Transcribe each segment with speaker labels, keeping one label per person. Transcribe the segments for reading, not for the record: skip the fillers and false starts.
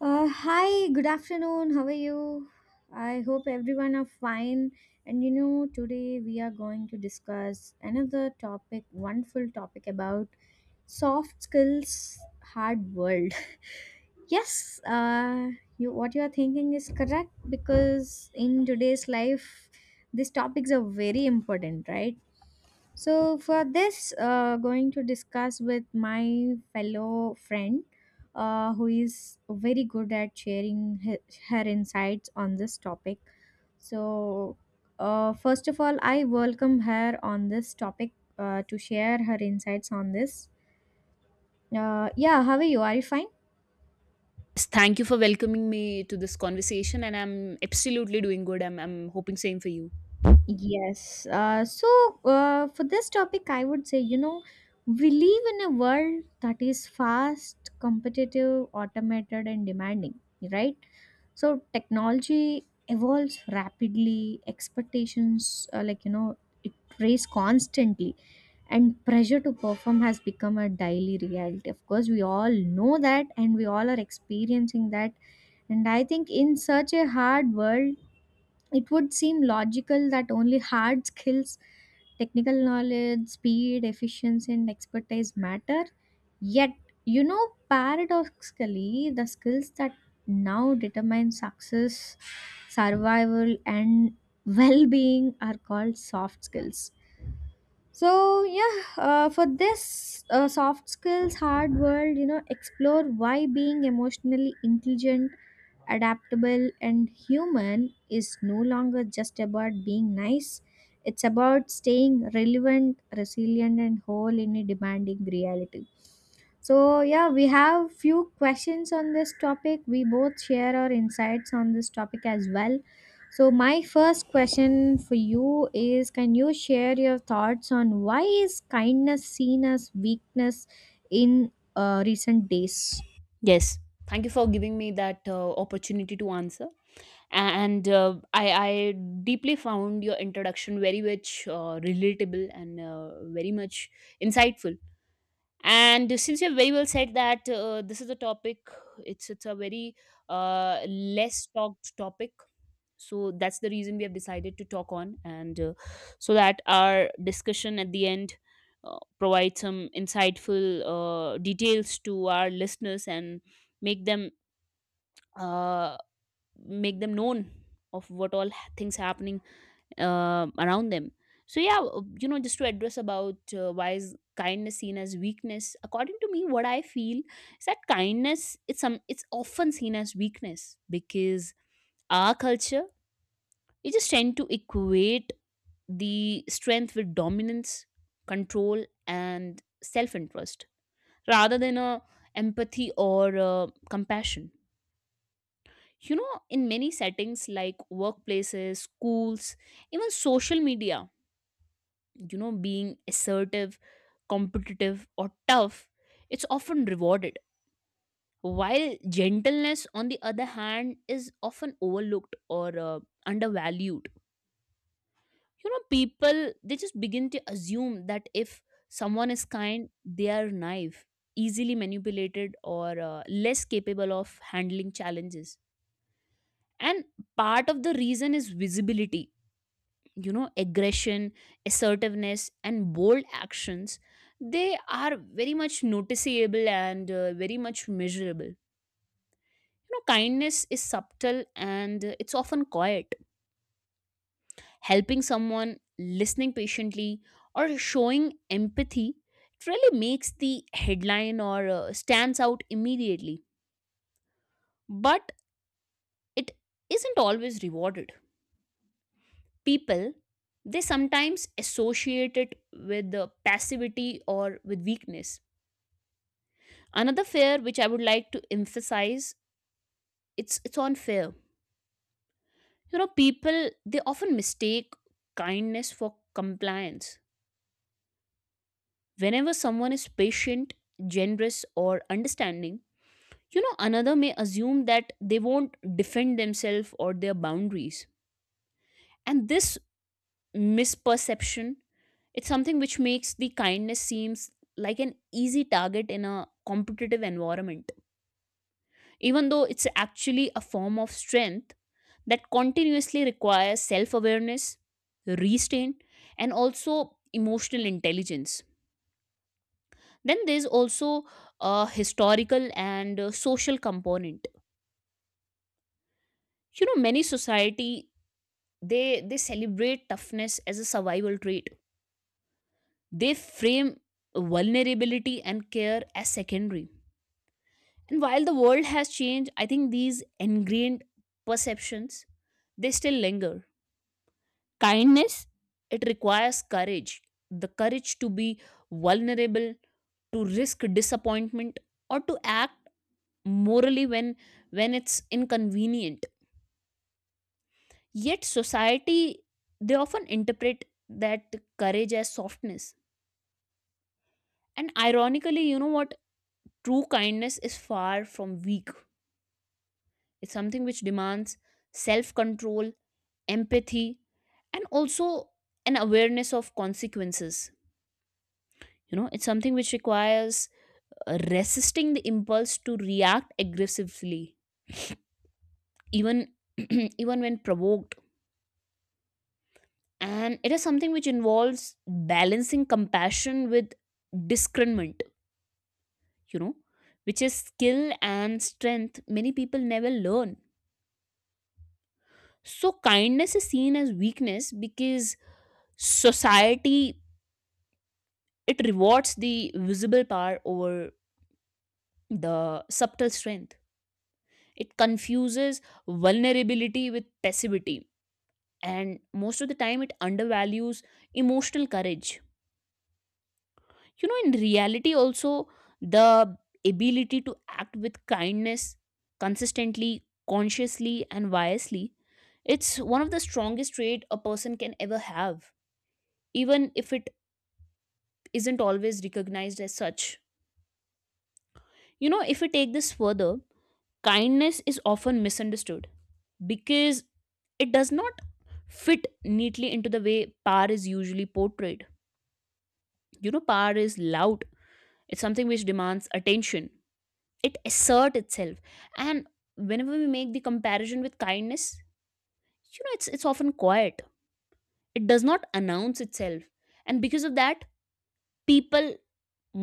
Speaker 1: Hi, good afternoon. How are you? I hope everyone are fine. And you know, today we are going to discuss another topic, wonderful topic about soft skills, hard world. Yes, you what you are thinking is correct because in today's life, these topics are very important, right? So, for this, going to discuss with my fellow friend who is very good at sharing her insights on this topic. So, first of all, I welcome her on this topic to share her insights on this. Yeah, how are you? Are you fine?
Speaker 2: Yes, thank you for welcoming me to this conversation, and I'm absolutely doing good. I'm hoping same for you.
Speaker 1: Yes. For this topic, I would say, you know, we live in a world that is fast, competitive, automated, and demanding, right? So, technology evolves rapidly, expectations, it raise constantly, and pressure to perform has become a daily reality. Of course, we all know that, and we all are experiencing that. And I think in such a hard world, it would seem logical that only hard skills, technical knowledge, speed, efficiency, and expertise matter. Yet, you know, paradoxically, the skills that now determine success, survival, and well being are called soft skills. So, yeah, for this soft skills, hard world, you know, explore why being emotionally intelligent, adaptable, and human is no longer just about being nice. It's about staying relevant, resilient, and whole in a demanding reality. So yeah, we have few questions on this topic. We both share our insights on this topic as well. So my first question for you is, can you share your thoughts on why is kindness seen as weakness in recent days?
Speaker 2: Yes, thank you for giving me that opportunity to answer. And I deeply found your introduction very much relatable and very much insightful. And since you've very well said that this is a topic, it's a very less talked topic, so that's the reason we have decided to talk on, and so that our discussion at the end provide some insightful details to our listeners and make them uh, make them known of what all things happening around them. So yeah, you know, just to address about why is kindness seen as weakness, according to me, what I feel is that kindness, it's often seen as weakness because our culture, we just tend to equate the strength with dominance, control and self-interest rather than a empathy or compassion. You know, in many settings like workplaces, schools, even social media, you know, being assertive, competitive or tough, it's often rewarded, while gentleness on the other hand is often overlooked or undervalued. You know, people, they just begin to assume that if someone is kind, they are naive, easily manipulated or less capable of handling challenges. And part of the reason is visibility. You know, aggression, assertiveness and bold actions, they are very much noticeable and very much measurable. You know, kindness is subtle and it's often quiet. Helping someone, listening patiently or showing empathy, it really makes the headline or stands out immediately, but it isn't always rewarded. People, they sometimes associate it with passivity or with weakness. Another fear which I would like to emphasize, it's on fear. You know, people, they often mistake kindness for compliance. Whenever someone is patient, generous or understanding, you know, another may assume that they won't defend themselves or their boundaries. And this misperception, it's something which makes the kindness seems like an easy target in a competitive environment, even though it's actually a form of strength that continuously requires self awareness, restraint, and also emotional intelligence. Then there's also a historical and social component. You know, many society, they celebrate toughness as a survival trait. They frame vulnerability and care as secondary. And while the world has changed, I think these ingrained perceptions, they still linger. Kindness, it requires courage, the courage to be vulnerable, to risk disappointment, or to act morally when it's inconvenient. Yet, society, they often interpret that courage as softness. And ironically, you know what? True kindness is far from weak. It's something which demands self control, empathy, and also an awareness of consequences. You know, it's something which requires resisting the impulse to react aggressively, even even when provoked. And it is something which involves balancing compassion with discernment, you know, which is skill and strength many people never learn. So kindness is seen as weakness because society, it rewards the visible power over the subtle strength. It confuses vulnerability with passivity, and most of the time it undervalues emotional courage. You know, in reality also, the ability to act with kindness consistently, consciously and wisely, it's one of the strongest traits a person can ever have, even if it isn't always recognized as such. You know, if we take this further, kindness is often misunderstood because it does not fit neatly into the way power is usually portrayed. You know, power is loud. It's something which demands attention. It asserts itself. And whenever we make the comparison with kindness, you know, it's often quiet. It does not announce itself. And because of that, people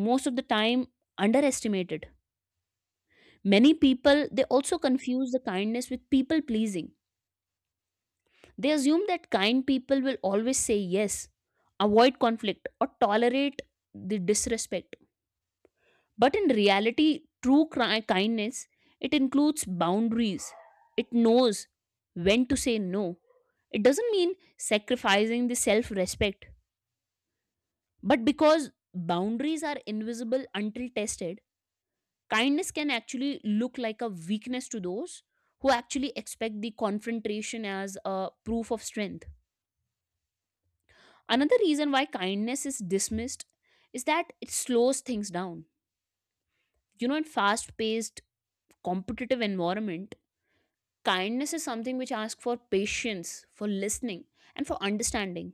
Speaker 2: most of the time underestimate it. Many people, they also confuse the kindness with people pleasing. They assume that kind people will always say yes, avoid conflict, or tolerate the disrespect. But in reality, kindness, it includes boundaries. It knows when to say no. It doesn't mean sacrificing the self respect. But because boundaries are invisible until tested, kindness can actually look like a weakness to those who actually expect the confrontation as a proof of strength. Another reason why kindness is dismissed is that it slows things down. You know, in fast paced, competitive environment, kindness is something which asks for patience, for listening, and for understanding.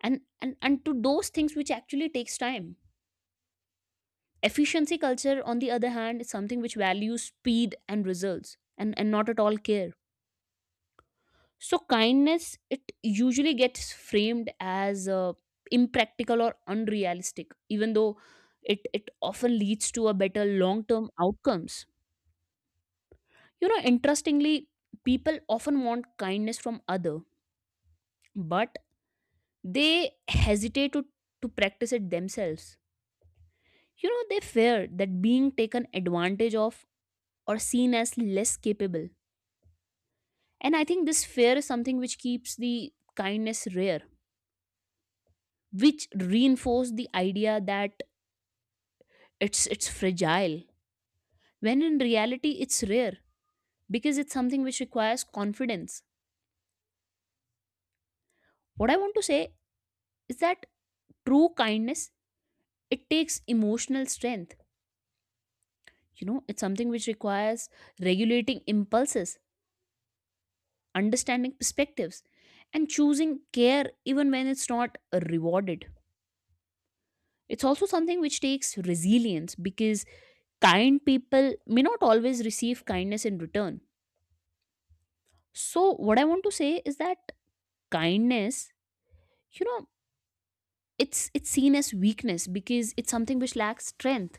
Speaker 2: And to those things which actually takes time. Efficiency culture, on the other hand, is something which values speed and results, and not at all care. So kindness, it usually gets framed as impractical or unrealistic, even though it often leads to a better long-term outcomes. You know, interestingly, people often want kindness from other, but they hesitate to practice it themselves. You know, they fear that being taken advantage of or seen as less capable. And I think this fear is something which keeps the kindness rare, which reinforce the idea that it's fragile. When in reality it's rare because it's something which requires confidence. What I want to say is that true kindness, it takes emotional strength. You know, it's something which requires regulating impulses, understanding perspectives, and choosing care even when it's not rewarded. It's also something which takes resilience because kind people may not always receive kindness in return. So what I want to say is that kindness, you know, it's seen as weakness because it's something which lacks strength.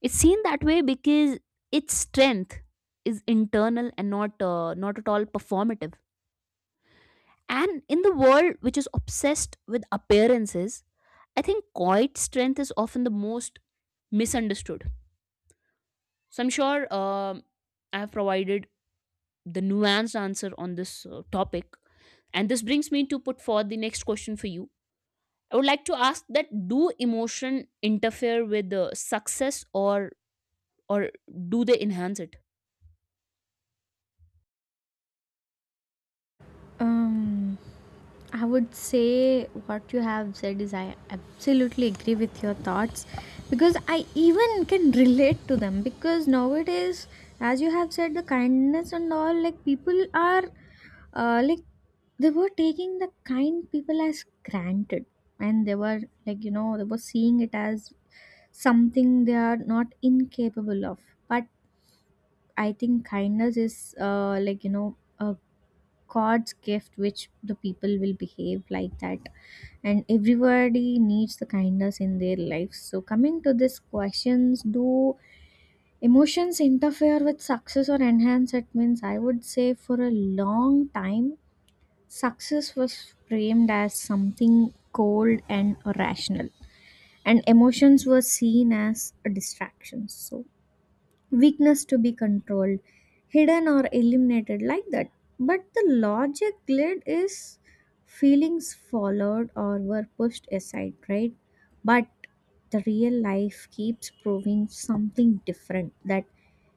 Speaker 2: It's seen that way because its strength is internal and not at all performative. And in the world which is obsessed with appearances, I think quiet strength is often the most misunderstood. So I'm sure, I have provided the nuanced answer on this topic. And this brings me to put forth the next question for you. I would like to ask that do emotion interfere with success, or do they enhance it?
Speaker 1: um I would say what you have said is, I absolutely agree with your thoughts because I even can relate to them because nowadays, as you have said, the kindness and all, like people are uh, like they were taking the kind people as granted, and they were, like, you know, they were seeing it as something they are not incapable of. But I think kindness is, like, you know, a god's gift, which the people will behave like that, and everybody needs the kindness in their lives. So coming to this questions, do emotions interfere with success or enhance it means, I would say, for a long time, success was framed as something cold and irrational, and emotions were seen as a distraction, so weakness to be controlled, hidden, or eliminated, like that. But the logic led is feelings followed or were pushed aside, right? But the real life keeps proving something different, that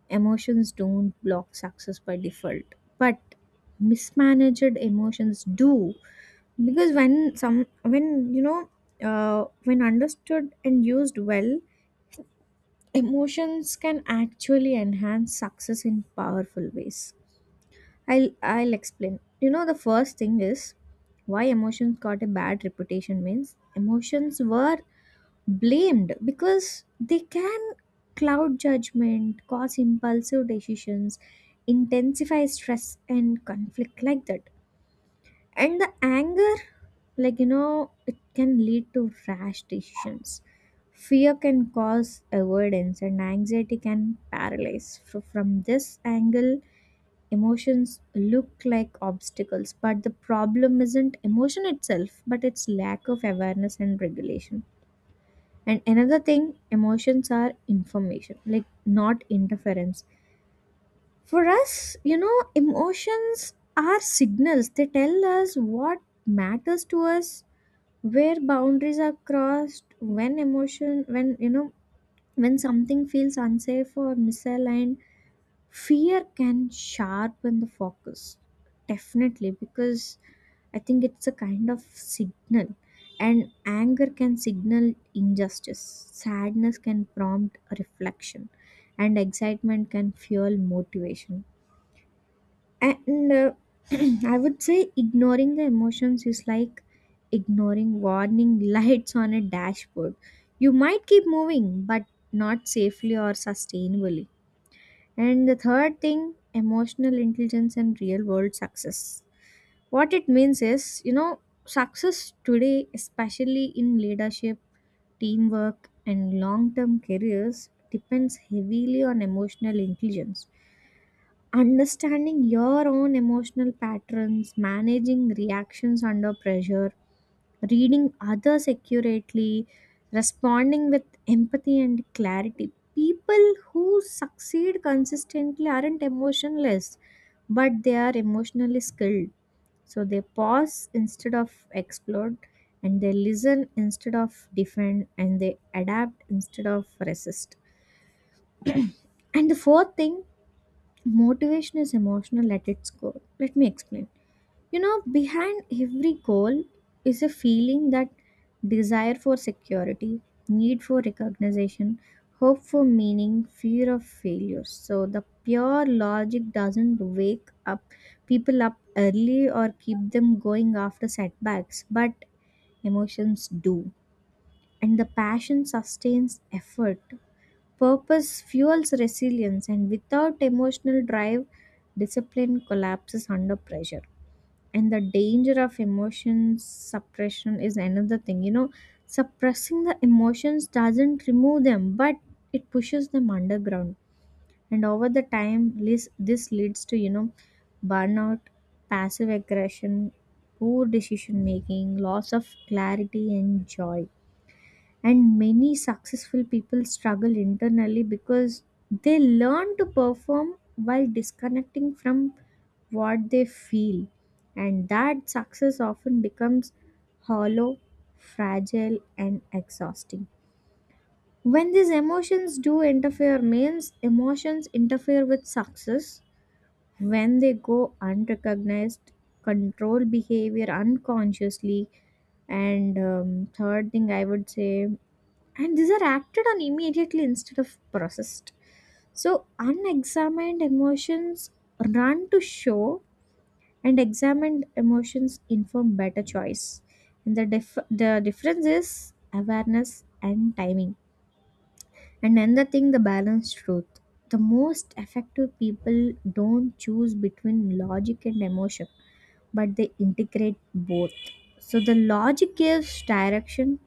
Speaker 1: emotions don't block success by default. But mismanaged emotions do, because when some when you know when understood and used well, emotions can actually enhance success in powerful ways. I'll explain. You know, the first thing is why emotions got a bad reputation means emotions were blamed because they can cloud judgment, cause impulsive decisions, intensify stress and conflict, like that. And the anger, like, you know, it can lead to rash decisions, fear can cause avoidance, and anxiety can paralyze. From this angle, emotions look like obstacles, but the problem isn't emotion itself, but its lack of awareness and regulation. And another thing, emotions are information, like, not interference for us. You know, emotions are signals. They tell us what matters to us, where boundaries are crossed, when emotion, when, you know, when something feels unsafe or misaligned, fear can sharpen the focus. Definitely, because I think it's a kind of signal. And anger can signal injustice, sadness can prompt a reflection, and excitement can fuel motivation. And I would say ignoring the emotions is like ignoring warning lights on a dashboard. You might keep moving, but not safely or sustainably. And the third thing, emotional intelligence and real world success, what it means is, you know, success today, especially in leadership, teamwork, and long term careers, depends heavily on emotional intelligence: understanding your own emotional patterns, managing reactions under pressure, reading others accurately, responding with empathy and clarity. People who succeed consistently aren't emotionless, but they are emotionally skilled. So they pause instead of explode, and they listen instead of defend, and they adapt instead of resist. And the fourth thing, motivation is emotional at its core. Let me explain. You know, behind every goal is a feeling: that desire for security, need for recognition, hope for meaning, fear of failure. So the pure logic doesn't wake up people up early or keep them going after setbacks, but emotions do. And the passion sustains effort. Purpose fuels resilience, and without emotional drive, discipline collapses under pressure. And the danger of emotion suppression is another thing. You know, suppressing the emotions doesn't remove them, but it pushes them underground, and over the time, this leads to, you know, burnout, passive aggression, poor decision making, loss of clarity and joy. And many successful people struggle internally because they learn to perform while disconnecting from what they feel, and that success often becomes hollow, fragile, and exhausting. When these emotions do interfere means, emotions interfere with success when they go unrecognized, control behavior unconsciously, and, third thing I would say, and these are acted on immediately instead of processed. So unexamined emotions run to show, and examined emotions inform better choice. And the difference is awareness and timing. And another thing, the balanced truth: the most effective people don't choose between logic and emotion, but they integrate both. So the logic gives direction,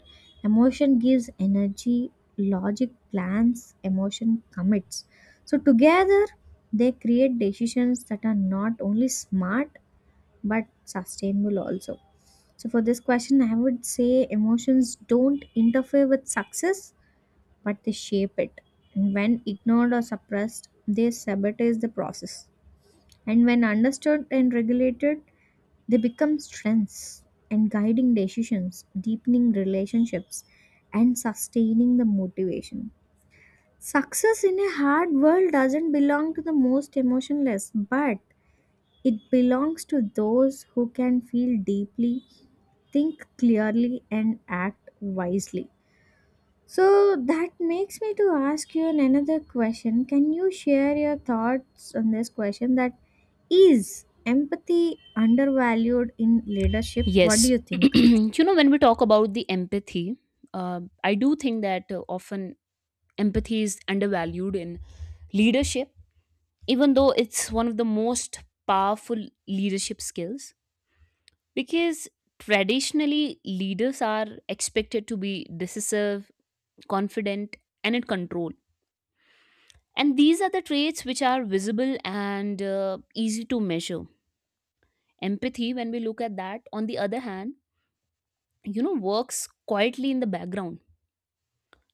Speaker 1: emotion gives energy, logic plans, emotion commits. So together they create decisions that are not only smart but sustainable also. So for this question, I would say emotions don't interfere with success, but they shape it. And when ignored or suppressed, they sabotage the process. And when understood and regulated, they become strengths in guiding decisions, deepening relationships, and sustaining the motivation. Success in a hard world doesn't belong to the most emotionless, but it belongs to those who can feel deeply, think clearly, and act wisely. So that makes me to ask you another question. Can you share your thoughts on this question, that is empathy undervalued in leadership? What do
Speaker 2: Yes.
Speaker 1: you think?
Speaker 2: You know, when we talk about the empathy, I do think that often empathy is undervalued in leadership, even though it's one of the most powerful leadership skills, because traditionally leaders are expected to be decisive, confident, and in control. And these are the traits which are visible and easy to measure. Empathy, when we look at that, on the other hand, you know, works quietly in the background,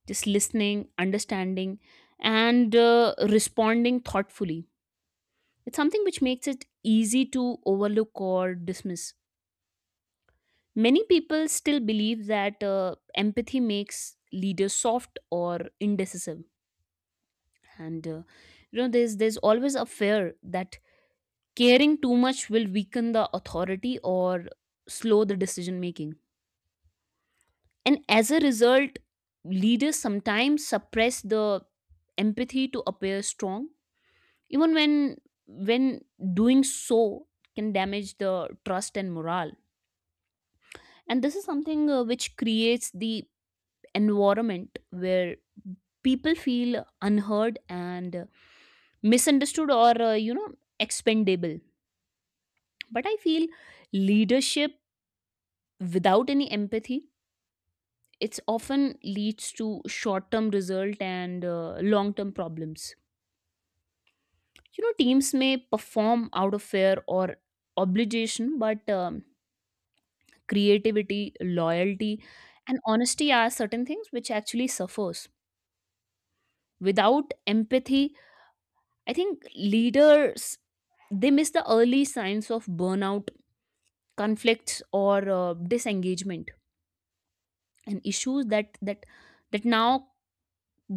Speaker 2: just listening, understanding, and responding thoughtfully. It's something which makes it easy to overlook or dismiss. Many people still believe that empathy makes leaders soft or indecisive, and you know, there's always a fear that caring too much will weaken the authority or slow the decision making. And as a result, leaders sometimes suppress the empathy to appear strong, even when doing so can damage the trust and morale. And this is something which creates the environment where people feel unheard and misunderstood or you know, expendable. But I feel leadership without any empathy, it's often leads to short term result and long term problems. You know, teams may perform out of fear or obligation, but creativity, loyalty and honesty are certain things which actually suffers without empathy. I think leaders, they miss the early signs of burnout, conflicts or disengagement, and issues that now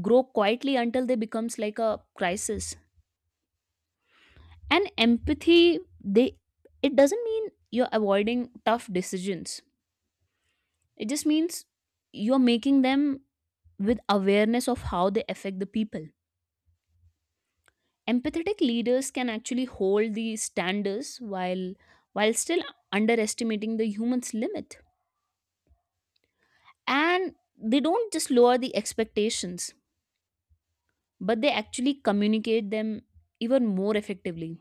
Speaker 2: grow quietly until they becomes like a crisis. And empathy, they, it doesn't mean you're avoiding tough decisions. It just means you're making them with awareness of how they affect the people. Empathetic leaders can actually hold the standards while still underestimating the human's limit. And they don't just lower the expectations, but they actually communicate them even more effectively.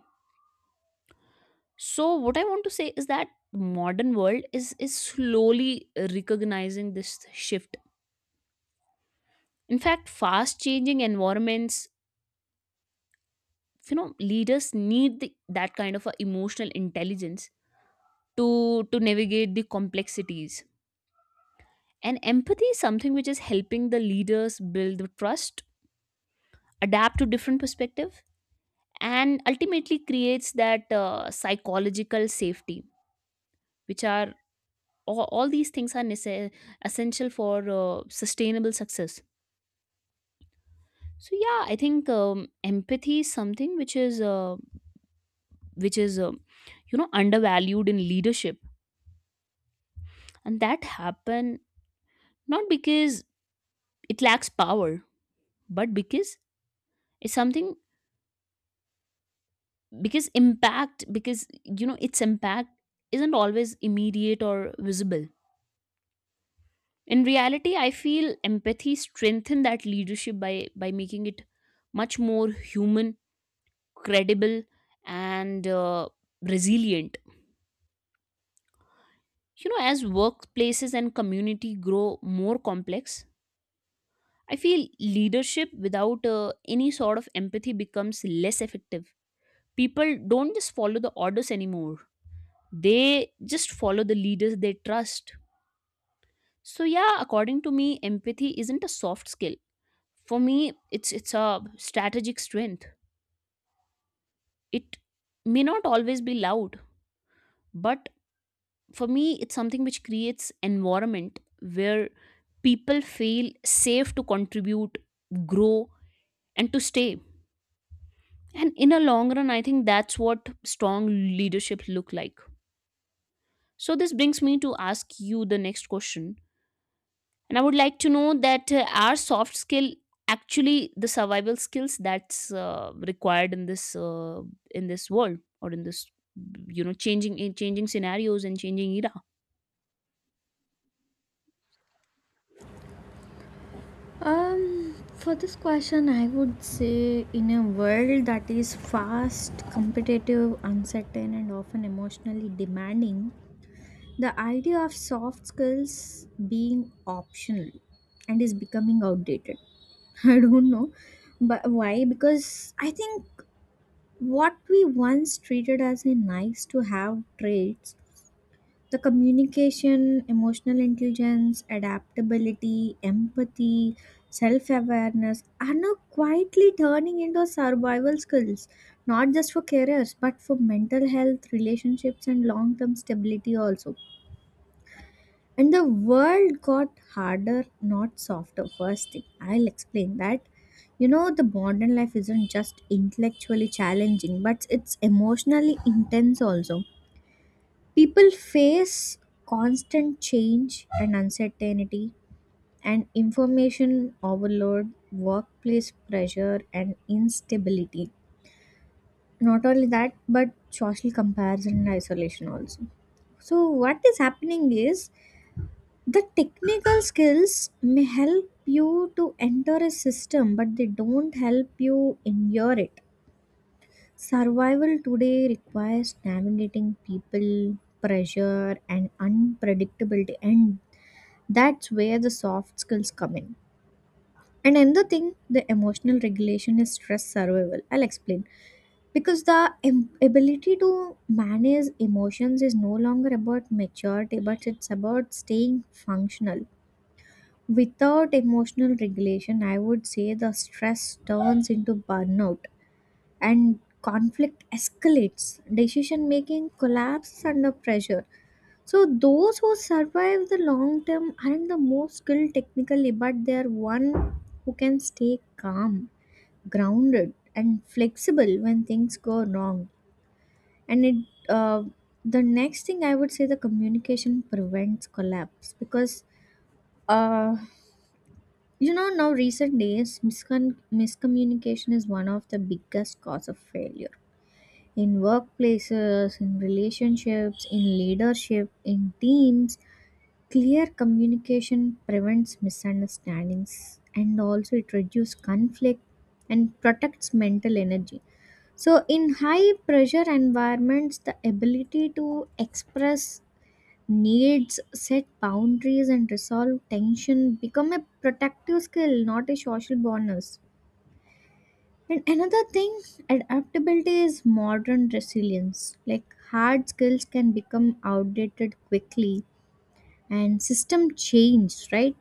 Speaker 2: So what I want to say is that the modern world is slowly recognizing this shift. In fact, fast changing environments, you know, leaders need the, that kind of a emotional intelligence to navigate the complexities. And empathy is something which is helping the leaders build the trust, adapt to different perspective, and ultimately creates that psychological safety which are all these things are essential for sustainable success. So yeah, I think empathy is something which is you know undervalued in leadership. And that happen not because it lacks power, but because it's something, because, you know, its impact isn't always immediate or visible. In reality, I feel empathy strengthen that leadership by making it much more human, credible and resilient. You know, as workplaces and community grow more complex, I feel leadership without any sort of empathy becomes less effective. People don't just follow the orders anymore, they just follow the leaders they trust. So yeah, according to me, empathy isn't a soft skill. For me, it's a strategic strength. It may not always be loud, but for me it's something which creates environment where people feel safe to contribute, grow and to stay. And in a long run, I think that's what strong leadership look like. So this brings me to ask you the next question, and I would like to know that are soft skill actually the survival skills that's required in this world or in this, you know, changing, in changing scenarios and changing era.
Speaker 1: For this question, I would say in a world that is fast, competitive, uncertain, and often emotionally demanding, the idea of soft skills being optional and is becoming outdated. I don't know, but why? Because I think what we once treated as a nice to have traits, the communication, emotional intelligence, adaptability, empathy, self awareness, are now quietly turning into survival skills, not just for careers, but for mental health, relationships, and long term stability also. And the world got harder, not softer. First thing, I'll explain that. You know, the modern life isn't just intellectually challenging, but it's emotionally intense also. People face constant change and uncertainty, and information overload, workplace pressure, and instability. Not only that, but social comparison and isolation also. So, what is happening is the technical skills may help you to enter a system, but they don't help you endure it. Survival today requires navigating people, pressure, and unpredictability, and that's where the soft skills come in. And another thing, the emotional regulation is stress survival, I'll explain. Because ability to manage emotions is no longer about maturity, but it's about staying functional. Without emotional regulation, I would say, the stress turns into burnout and conflict escalates. Decision making collapses under pressure. So, those who survive the long term aren't the most skilled technically, but they are one who can stay calm, grounded, and flexible when things go wrong. And it, uh, the next thing I would say, the communication prevents collapse, because uh, you know, now recent days, miscommunication is one of the biggest cause of failure. In workplaces, in relationships, in leadership, in teams, clear communication prevents misunderstandings, and also it reduces conflict and protects mental energy. So, in high pressure environments, the ability to express needs, set boundaries, and resolve tension become a protective skill, not a social bonus. And another thing, adaptability is modern resilience. Like, hard skills can become outdated quickly, and system change, right?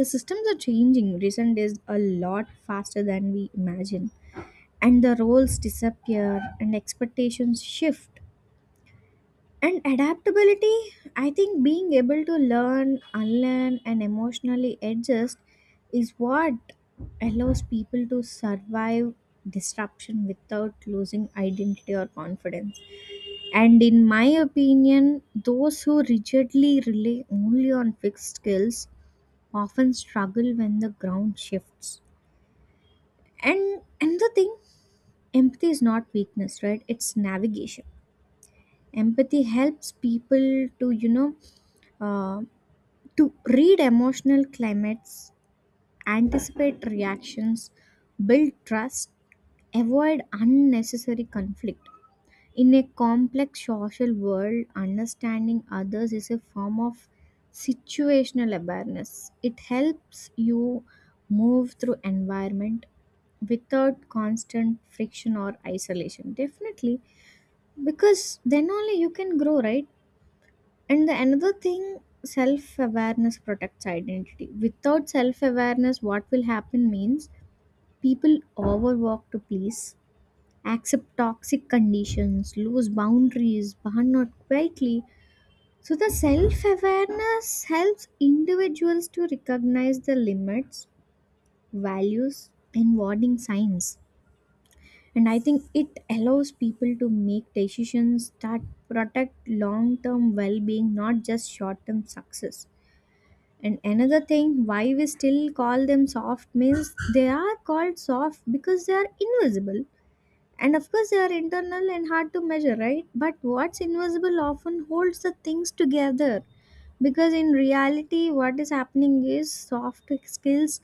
Speaker 1: The systems are changing recent days a lot faster than we imagine, and the roles disappear and expectations shift. And adaptability, I think, being able to learn, unlearn, and emotionally adjust is what allows people to survive disruption without losing identity or confidence. And in my opinion, those who rigidly rely only on fixed skills often struggle when the ground shifts. And another thing, empathy is not weakness, right? It's navigation. Empathy helps people to, you know, uh, to read emotional climates, anticipate reactions, build trust, avoid unnecessary conflict. In a complex social world, understanding others is a form of situational awareness. It helps you move through environment without constant friction or isolation. Definitely, because then only you can grow, right? And the another thing, self awareness protects identity. Without self awareness, what will happen means, people overwork to please, accept toxic conditions, lose boundaries, burn out quietly. So, the self awareness helps individuals to recognize the limits, values, and warning signs. And I think it allows people to make decisions that protect long term well being, not just short term success. And another thing, why we still call them soft means they are called soft because they are invisible. And of course, they are internal and hard to measure, right? But what's invisible often holds the things together. Because in reality, what is happening is, soft skills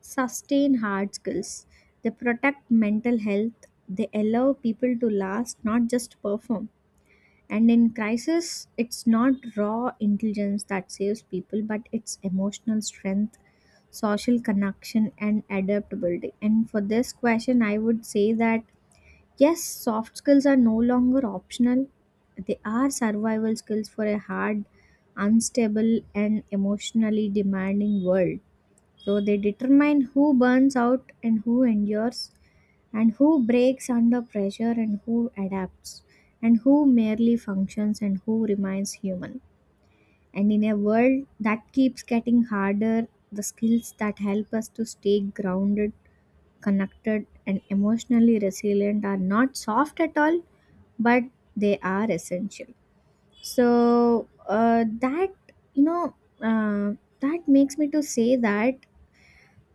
Speaker 1: sustain hard skills, they protect mental health, they allow people to last, not just perform. And in crisis, it's not raw intelligence that saves people, but it's emotional strength, social connection, and adaptability. And for this question, I would say that yes, soft skills are no longer optional, they are survival skills for a hard, unstable, and emotionally demanding world. So they determine who burns out and who endures, and who breaks under pressure and who adapts, and who merely functions and who remains human. And in a world that keeps getting harder, the skills that help us to stay grounded, connected, and emotionally resilient are not soft at all, but they are essential. So that, you know, uh, that makes me to say that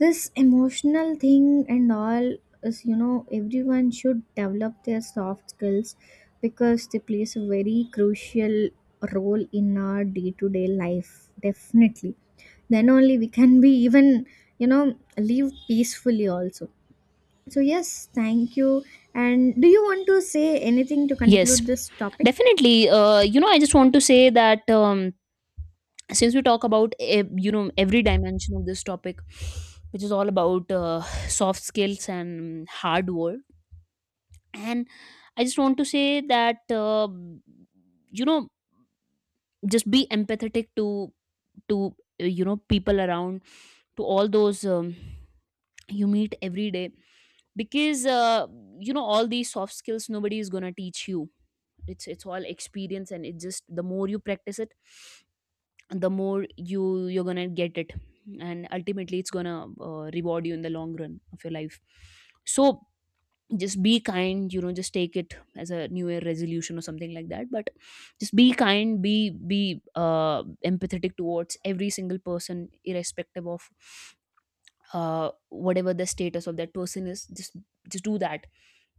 Speaker 1: this emotional thing and all is, you know, everyone should develop their soft skills because they plays a very crucial role in our day-to-day life, definitely. Then only we can be even, you know, live peacefully also. So yes, thank you. And do you want to say anything to
Speaker 2: Yes,
Speaker 1: conclude this topic?
Speaker 2: definitely. You know, I just want to say that since we talk about you know, every dimension of this topic, which is all about soft skills and hard work, and I just want to say that you know, just be empathetic to you know, people around, to all those you meet every day, because you know, all these soft skills nobody is going to teach you. It's all experience, and it just the more you practice it, the more you're going to get it, and ultimately it's going to reward you in the long run of your life. So just be kind, you know, just take it as a new year resolution or something like that. But just be kind, be empathetic towards every single person irrespective of whatever the status of that person is, just do that,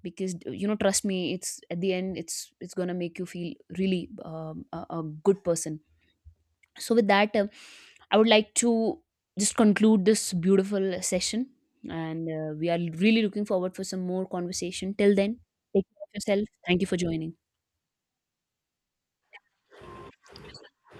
Speaker 2: because you know, trust me, it's at the end, it's gonna make you feel really a good person. So, with that, I would like to just conclude this beautiful session. And we are really looking forward for some more conversation. Till then, take care of yourself. Thank you for joining.